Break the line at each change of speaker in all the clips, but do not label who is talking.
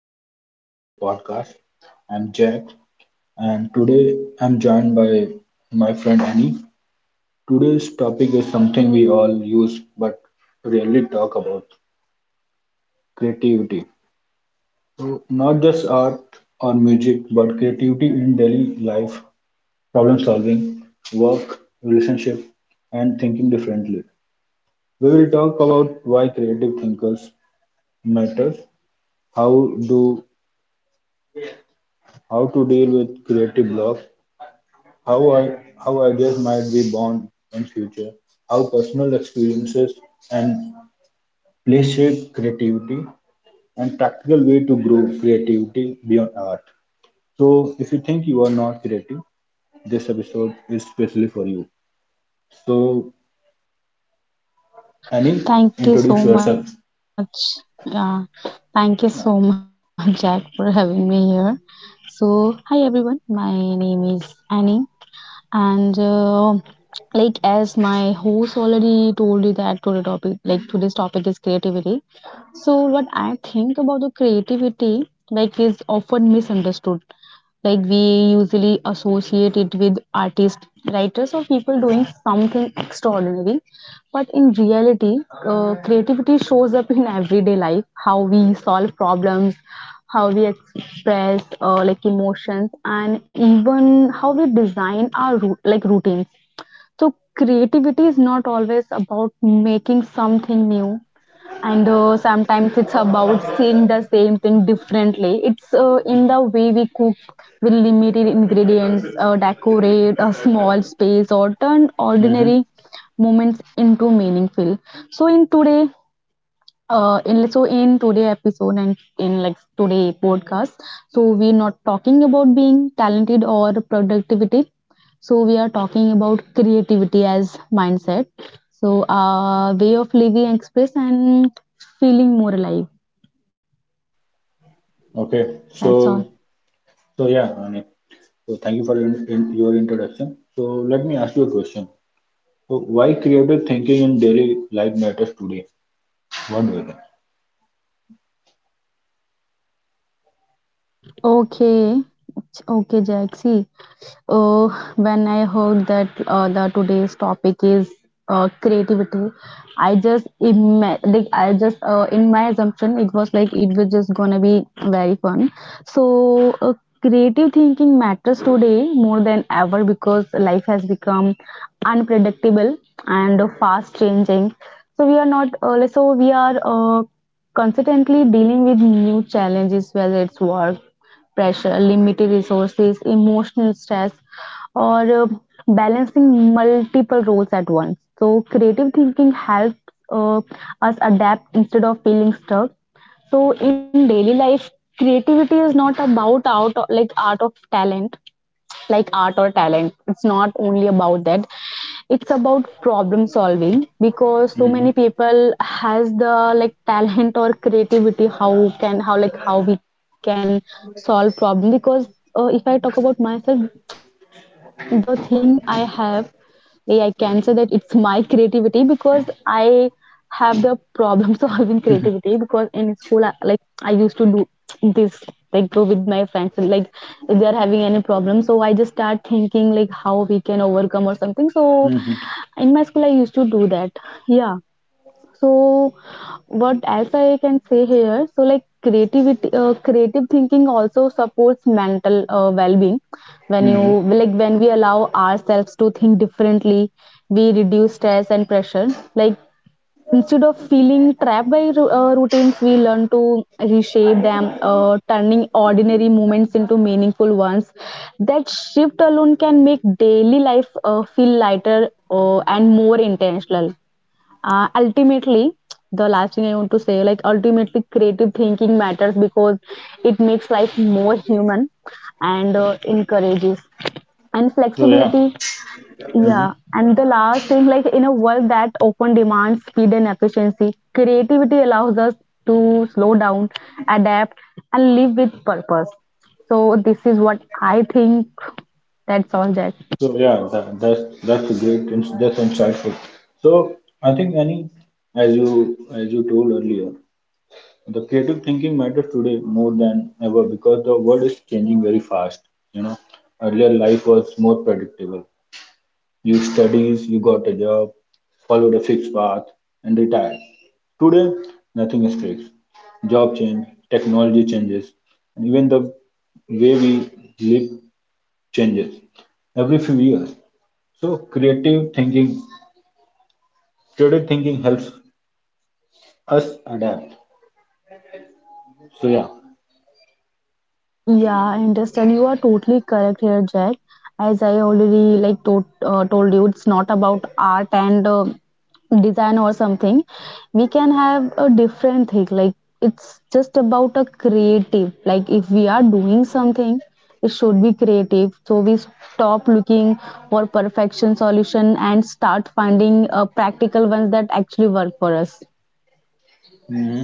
welcome back to the podcast. I'm Jack, and today I'm joined by my friend Annie. Today's topic is something we all use but rarely talk about creativity. So, not just art or music, but creativity in daily life, problem solving, work, relationship, and thinking differently. We will talk about why creative thinkers matters, how do how to deal with creative block, how, I, how ideas might be born in future, how personal experiences and place shape creativity and practical way to grow creativity beyond art. So if you think you are not creative, this episode is specially for you. So Annie,
Thank you
introduce
so
yourself.
much. Uh, Thank you so much,
Yeah.
Jack, for having me here. So, hi everyone. My name is Annie, and like as my host already told you that today's topic is creativity. So, what I think about the creativity, like, is often misunderstood, like we usually associate it with artists, writers, or people doing something extraordinary. But in reality, creativity shows up in everyday life. How we solve problems, how we express like emotions, and even how we design our routines. So creativity is not always about making something new, and sometimes it's about seeing the same thing differently. It's in the way we cook with limited ingredients, decorate a small space, or turn
Mm-hmm.
ordinary moments into meaningful. So in today, in so in today episode, and in like today podcast, so we're not talking about being talented or productivity. So we are talking about creativity as mindset. So way of living, express and feeling more alive.
Okay. So
That's all.
so yeah, Annie. So thank you for in your introduction. So let me ask you a question. So why creative thinking in daily life matters today? What do you think?
Okay. Okay, Jack, see. Oh, when I heard that the today's topic is creativity, I just in my assumption, it was like it was just gonna be very fun. So creative thinking matters today more than ever because life has become unpredictable and fast changing. So we are not like, so we are constantly dealing with new challenges, whether it's work pressure, limited resources, emotional stress, or balancing multiple roles at once. So, creative thinking helps uh, us adapt instead of feeling stuck. So, in daily life, creativity is not about out like art of talent like art or talent, it's not only about that, it's about problem solving, because so
hmm
many people has the like talent or creativity. How we can solve problem, because if I talk about myself, the thing I have, way I can say that it's my creativity, because I have the problem solving creativity. Because in school I used to do this, like go with my friends, and like if they are having any problem, so I just start thinking like how we can overcome or something. So
hmm
in my school I used to do that, yeah. So, what else I can say here? So, like creativity, creative thinking also supports mental well-being. When you
hmm
Like, when we allow ourselves to think differently, we reduce stress and pressure. Like instead of feeling trapped by routines, we learn to reshape them, turning ordinary moments into meaningful ones. That shift alone can make daily life feel lighter, and more intentional. Ultimately, the last thing I want to say, like, ultimately creative thinking matters because it makes life more human, and encourages and
So yeah,
flexibility.
hmm
Yeah, and the last thing, like in a world that often demands speed and efficiency, creativity allows us to slow down, adapt, and live with purpose. So this is what I think. That's all, Jack.
so yeah, that's a that's insightful. So I think any, as you told earlier, the creative thinking matters today more than ever because the world is changing very fast. You know, earlier life was more predictable. You studies, you got a job, followed a fixed path, and retired. Today, nothing is fixed. Job change, technology changes, and even the way we live changes every few years. So creative thinking helps us adapt. So yeah,
Yeah, I understand. You are totally correct here, Jack. As I already told you, it's not about art and design or something. We can have a different thing. Like it's just about a creative. Like if we are doing something, it should be creative. So we stop looking for perfection solution and start finding practical ones that actually work for us.
Mhm.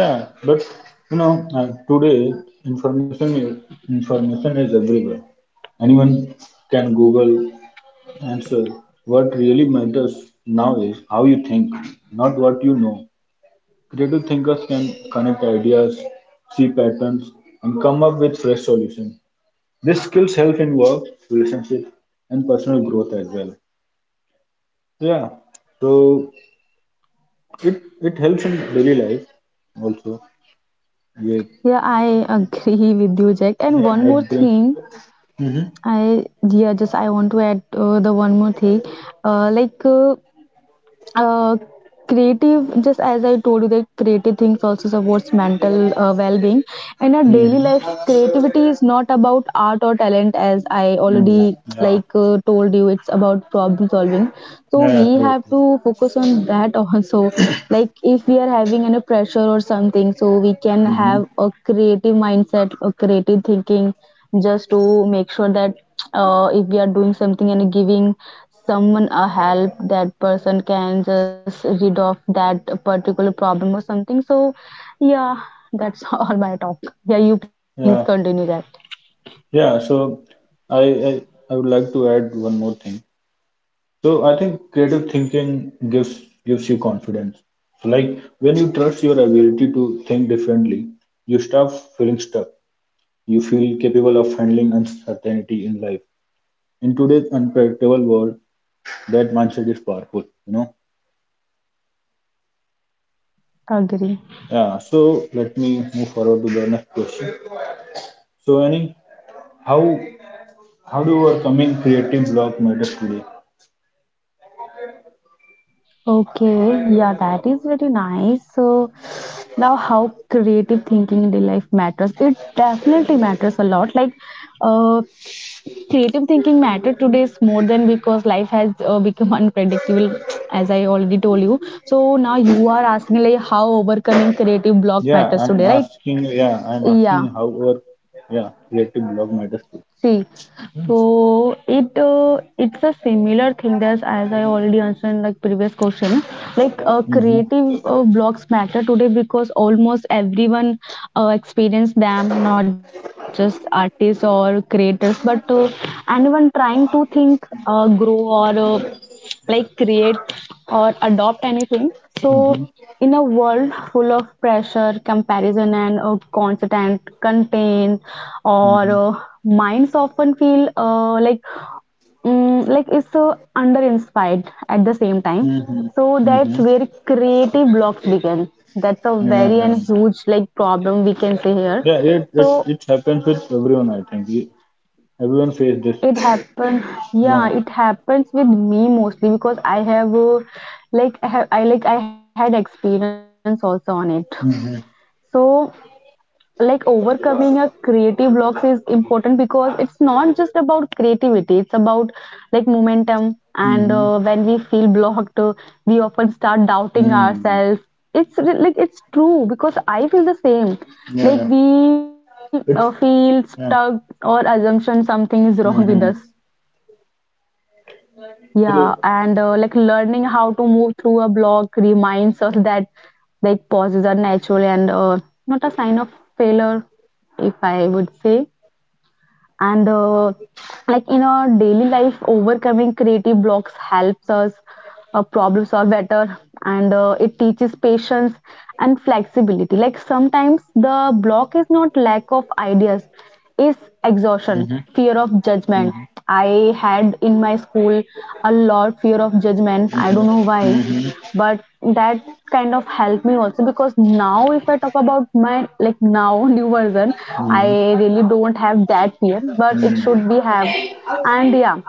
Yeah. But you know, today information is information is everywhere. Anyone can Google. And so, what really matters now is how you think, not what you know. Creative thinkers can connect ideas, see patterns, and come up with fresh solutions. This skills help in work, relationship, and personal growth as well. Yeah, so it helps in daily life also. Yeah,
Yeah, I agree with you, Jack. And
yeah,
one more
it brings.
thing,
Mm-hmm.
I yeah, just I want to add the one more thing. Uh, like uh, uh, creative, just as I told you that creative things also supports mental well-being. In our daily
Mm-hmm.
life, creativity is not about art or talent. As I
Mm-hmm.
already
Yeah,
told you, it's about problem solving.
yeah,
So
Yeah.
we
True,
have
true.
to focus on that also. Like if we are having any pressure or something, so we can
Mm-hmm.
have a creative mindset or creative thinking, just to make sure that if we are doing something and giving someone a help, that person can just rid of that particular problem or something. So yeah, that's all my talk. Yeah, you please
Yeah.
continue that.
Yeah, so I, I I would like to add one more thing. So I think creative thinking gives you confidence. So like when you trust your ability to think differently, you stop feeling stuck. You feel capable of handling uncertainty in life. In today's unpredictable world, that mindset is powerful, you know.
Agree.
Yeah, so let me move forward to the next question. So Annie, how how do overcoming creative block matters today?
Okay, yeah, that is very nice. So now how creative thinking in the life matters, it definitely matters a lot. Like uh creative thinking matter today is more than because life has become unpredictable, as I already told you. So now you are asking like how overcoming creative block
Yeah,
matters
I'm
today, right?
asking. Yeah, I'm
Yeah,
asking how our yeah creative blog matters too.
see. So it's a similar thing as I already answered in like previous question. Like creative
Mm-hmm.
blocks matter today because almost everyone experience them, not just artists or creators, but anyone trying to think, grow, or like create or adopt anything. So,
Mm-hmm.
in a world full of pressure, comparison, and constant content, or
Mm-hmm.
minds often feel like like it's under inspired at the same time.
Mm-hmm.
So that's
Mm-hmm.
where creative blocks begin. That's a
Yeah,
very
yeah.
and huge like problem we can say here.
Yeah, it, it
So
it happens with everyone. Everyone face this.
it happens, yeah,
Yeah.
it happens with me mostly because I have like I, have, I like I had experience also on it.
Mm-hmm.
So like overcoming a creative blocks is important because it's not just about creativity. It's about like momentum, and
Mm-hmm.
when we feel blocked, we often start doubting
Mm-hmm.
ourselves. It's re- like It's true because I feel the
Yeah,
same.
yeah.
Like we
It's
feel
yeah.
stuck or assumption something is
Mm-hmm.
wrong with us. Yeah,
So.
and like learning how to move through a block reminds us that like pauses are natural and not a sign of failure, if I would say. And like in our daily life, overcoming creative blocks helps us problem solve better, and it teaches patience and flexibility. Like sometimes the block is not lack of ideas, is exhaustion,
Mm-hmm.
fear of judgment.
Mm-hmm.
I had in my school a lot fear of judgment, I
Mm-hmm.
don't know why,
Mm-hmm.
but that kind of helped me also, because now if I talk about my like now new version, I
Mm-hmm.
really don't have that fear, but it should
Mm-hmm.
be have. And yeah,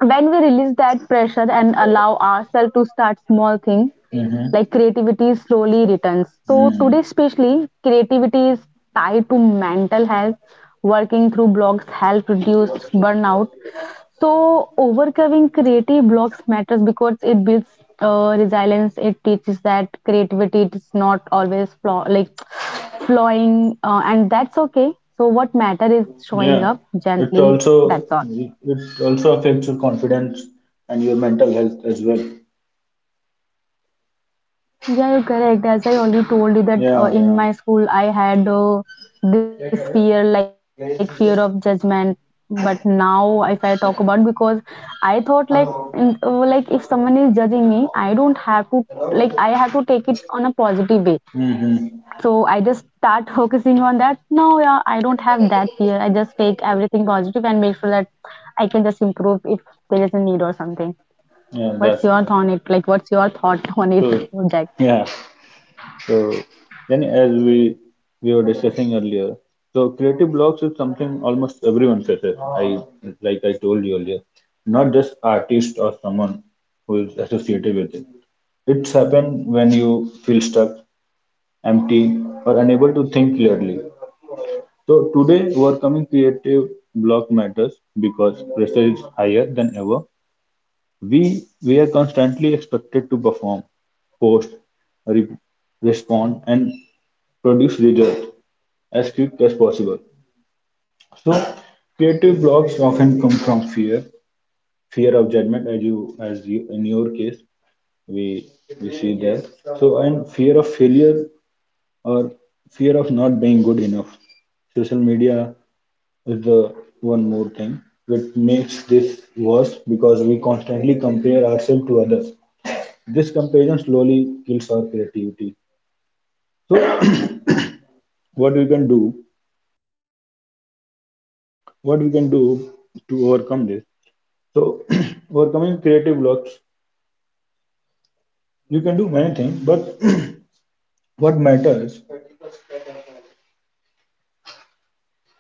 when we release that pressure and allow ourselves to start small things,
Mm-hmm.
like creativity slowly returns. So
Mm-hmm.
today especially creativity is tied to mental health, working through blocks help reduce burnout. So overcoming creative blocks matters because it builds resilience. It teaches that creativity is not always flowing, and that's okay. So what matter is showing
Yeah,
up
it's
gently.
also
That's all.
it also affects your confidence and your mental health as well.
Yeah, you're correct. As I already told
Yeah,
you
yeah.
that in my school I had this fear, like fear of judgment. But now, if I talk about, because I thought like, like if someone is judging me, I don't have to, like I have to take it on a positive way.
Mm-hmm.
So I just start focusing on that. No, yeah, I don't have that fear. I just take everything positive and make sure that I can just improve if there is a need or something.
Yeah, that's right.
What's your thought on it? Like, what's your thought
So,
on it,
yeah.
Jack?
So then, as we were discussing earlier, so creative blocks is something almost everyone faces. I told you earlier, not just artist or someone who is associated with it. It's happen when you feel stuck, empty, or unable to think clearly. So today overcoming creative block matters because pressure is higher than ever. We are constantly expected to perform, post, re- respond, and produce results as quick as possible. So creative blocks often come from fear, fear of judgment, as you in your case we we see there. So and fear of failure or fear of not being good enough social media is the one more thing which makes this worse because we constantly compare ourselves to others. This comparison slowly kills our creativity. So, what we can do, what we can do to overcome this. So, overcoming creative blocks, you can do many things, but what matters?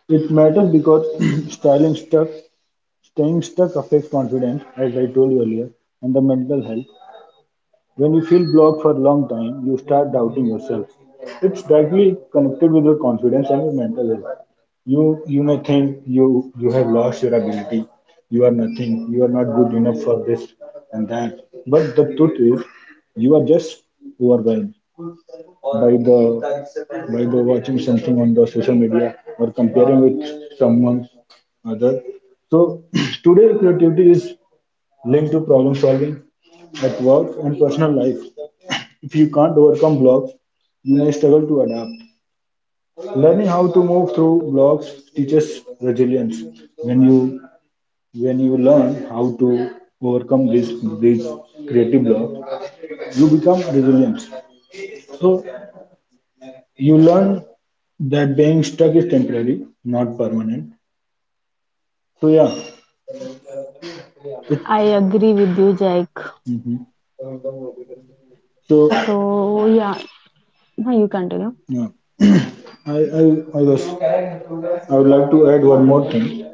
It matters because styling stuck, staying stuck affects confidence, as I told you earlier, and the mental health. When you feel blocked for a long time, you start doubting yourself. It's directly connected with your confidence and your mental health. You may think you have lost your ability, you are nothing, you are not good enough for this and that. But the truth is, you are just overwhelmed by the watching something on the social media or comparing with someone other. So today creativity is linked to problem solving at work and personal life. If you can't overcome blocks, you may struggle to adapt. Learning how to move through blocks teaches resilience. When you learn how to overcome these creative blocks, you become resilient. So you learn that being stuck is temporary, not permanent. So yeah, it,
I agree with you, Jake.
mhm. So
So yeah, no, you continue.
yeah. I, I, I was, I would like to add one more thing.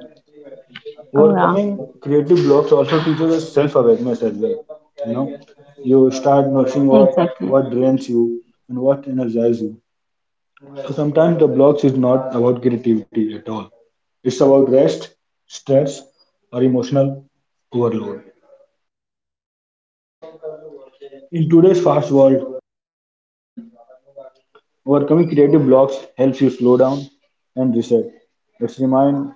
Oh yeah,
Overcoming creative blocks also teaches us self-awareness as well. You know, you start noticing what
exactly.
what drains you and what energizes you. So sometimes the blocks is not about creativity at all. It's about rest, stress, or emotional overload. In today's fast world, overcoming creative blocks helps you slow down and reset. It's remind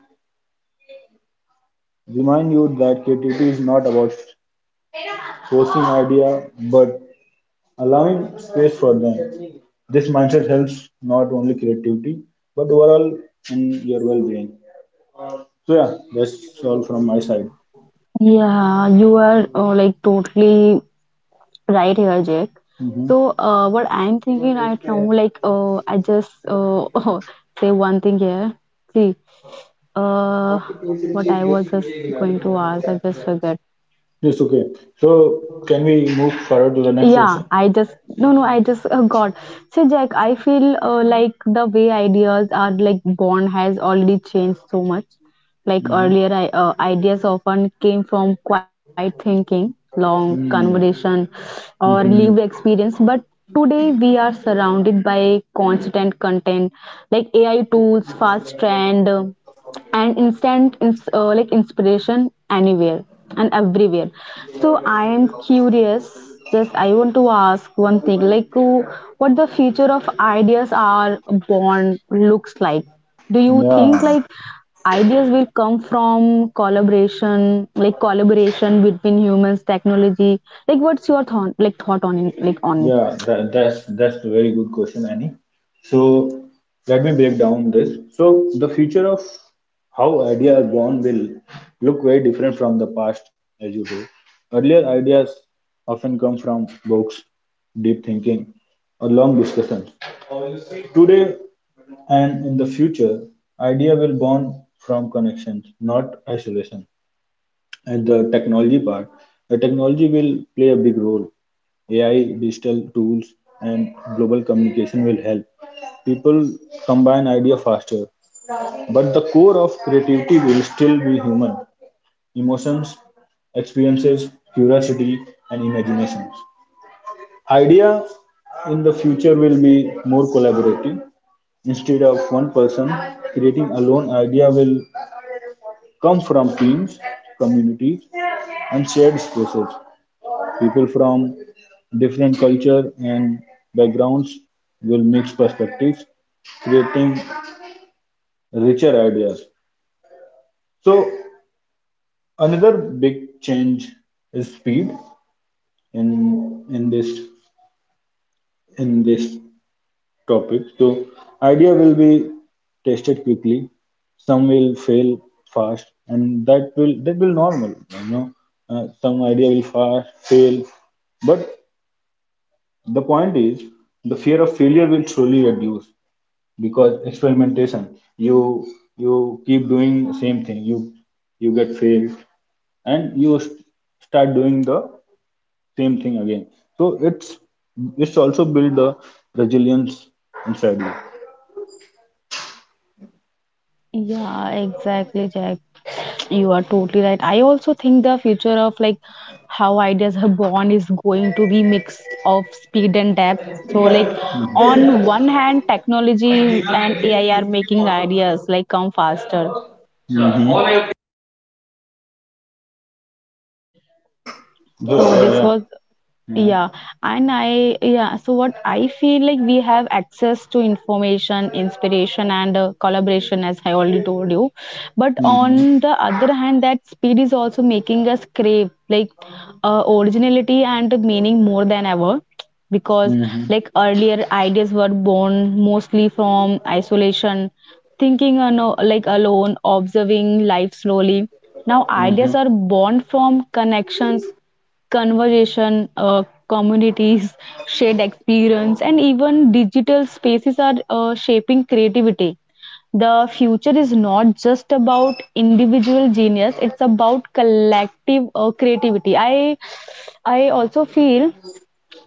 Remind you that creativity is not about forcing idea, but allowing space for them. This mindset helps not only creativity but overall in your well-being. So yeah, that's all from my side.
Yeah, you are like totally right here, Jack.
Hmm.
So what I'm thinking right now, like I just say one thing here. See, uh, what I was just going to ask, I just forget.
Yes, okay. So can we move forward to the next
Yeah,
question?
I just no no I just got, so Jack, I feel like the way ideas are like born has already changed so much. Like
Mm-hmm.
earlier ideas often came from quiet thinking, long
Hmm.
conversation, or lived
Mm-hmm.
experience, but today we are surrounded by constant content, like AI tools, fast trend, and instant like inspiration anywhere and everywhere. So I am curious, just I want to ask one thing, like what the future of ideas are born looks like. Do you think
Yeah.
like ideas will come from collaboration, like collaboration between humans, technology? Like what's your thought, on it?
Yeah, that's a very good question, Annie. So let me break down this. So the future of how ideas are born will look very different from the past, as you do. Earlier ideas often come from books, deep thinking, or long discussions. Today and in the future, idea will born from connections, not isolation. And the technology will play a big role. AI, digital tools, and global communication will help. People combine idea faster, but the core of creativity will still be human emotions, experiences, curiosity, and imaginations. Idea in the future will be more collaborative. Instead of one person creating alone, idea will come from teams, communities, and shared spaces. People from different culture and backgrounds will mix perspectives, creating richer ideas. So another big change is speed in in this in this topic. So idea will be tested quickly. Some will fail fast, and that will normal. You know, some idea will fast fail, but the point is the fear of failure will slowly reduce because experimentation. You keep doing same thing. You get failed, and start doing the same thing again. So it's also build the resilience inside you.
Yeah, exactly, Jack. You are totally right. I also think the future of like how ideas are born is going to be mix of speed and depth. So like on one hand, technology and AI are making ideas like come faster.
Mhm. Yeah,
So
yeah,
this
yeah.
was, yeah, and I yeah, so what I feel like we have access to information, inspiration, and collaboration, as I already told you. But
Mm-hmm.
on the other hand, that speed is also making us crave like originality and meaning more than ever, because
Hmm.
like earlier ideas were born mostly from isolation, thinking alone, observing life slowly. Now
Hmm.
ideas are born from connections, conversation, communities, shared experience, and even digital spaces are shaping creativity. The future is not just about individual genius; it's about collective creativity. I also feel,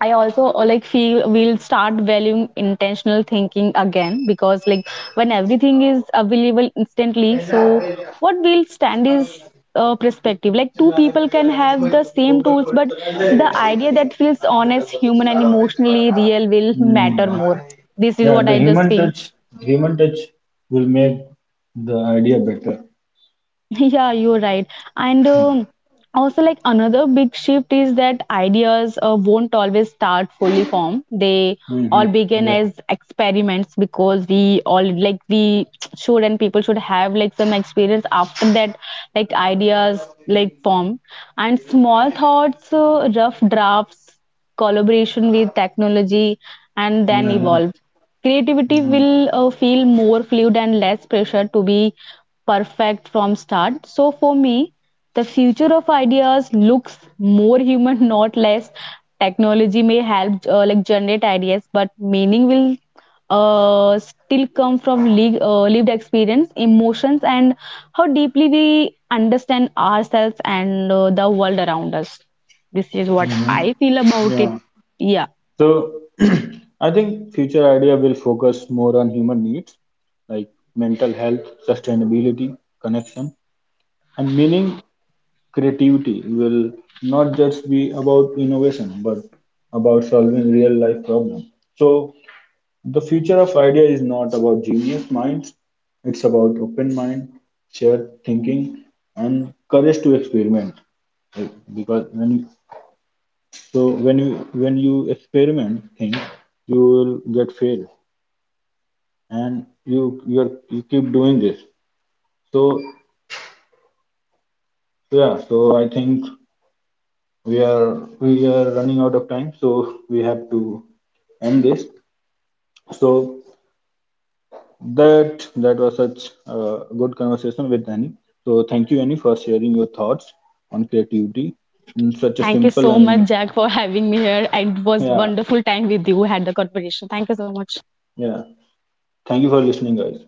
I also like feel we'll start valuing intentional thinking again, because like when everything is available instantly, so what will stand is perspective. Like two people can have the same tools, but the idea that feels honest, human, and emotionally real will matter
Mm-hmm.
more. This is
Yeah,
what I just feel.
human touch will make the idea better.
Yeah, you're right. And also, like another big shift is that ideas won't always start fully formed. They all
Mm-hmm.
began
Yeah.
as experiments, because we all like we should, and people should have like some experience after that. Like ideas like form and small thoughts, rough drafts, collaboration with technology, and then
Hmm.
evolve. Creativity will feel more fluid and less pressure to be perfect from start. So for me, the future of ideas looks more human, not less. Technology may help like generate ideas, but meaning will still come from lived experience, emotions, and how deeply we understand ourselves and the world around us. This is what I feel
Mm-hmm.
about it.
Yeah.
Yeah.
So I think future idea will focus more on human needs like mental health, sustainability, connection, and meaning. Creativity will not just be about innovation, but about solving real life problems. So the future of idea is not about genius minds, it's about open mind, shared thinking, and courage to experiment. Like, because when you, so when you experiment things, you will get fail, and you keep doing this. So yeah, so I think we are we are running out of time, so we have to end this. So That was such a good conversation with Annie. So thank you, Annie, for sharing your thoughts on creativity in such a
Thank you
simple
so
and
much, Jack, for having me here. It was
yeah,
wonderful time with you. Had the conversation. Thank you so much.
yeah. Thank you for listening, guys.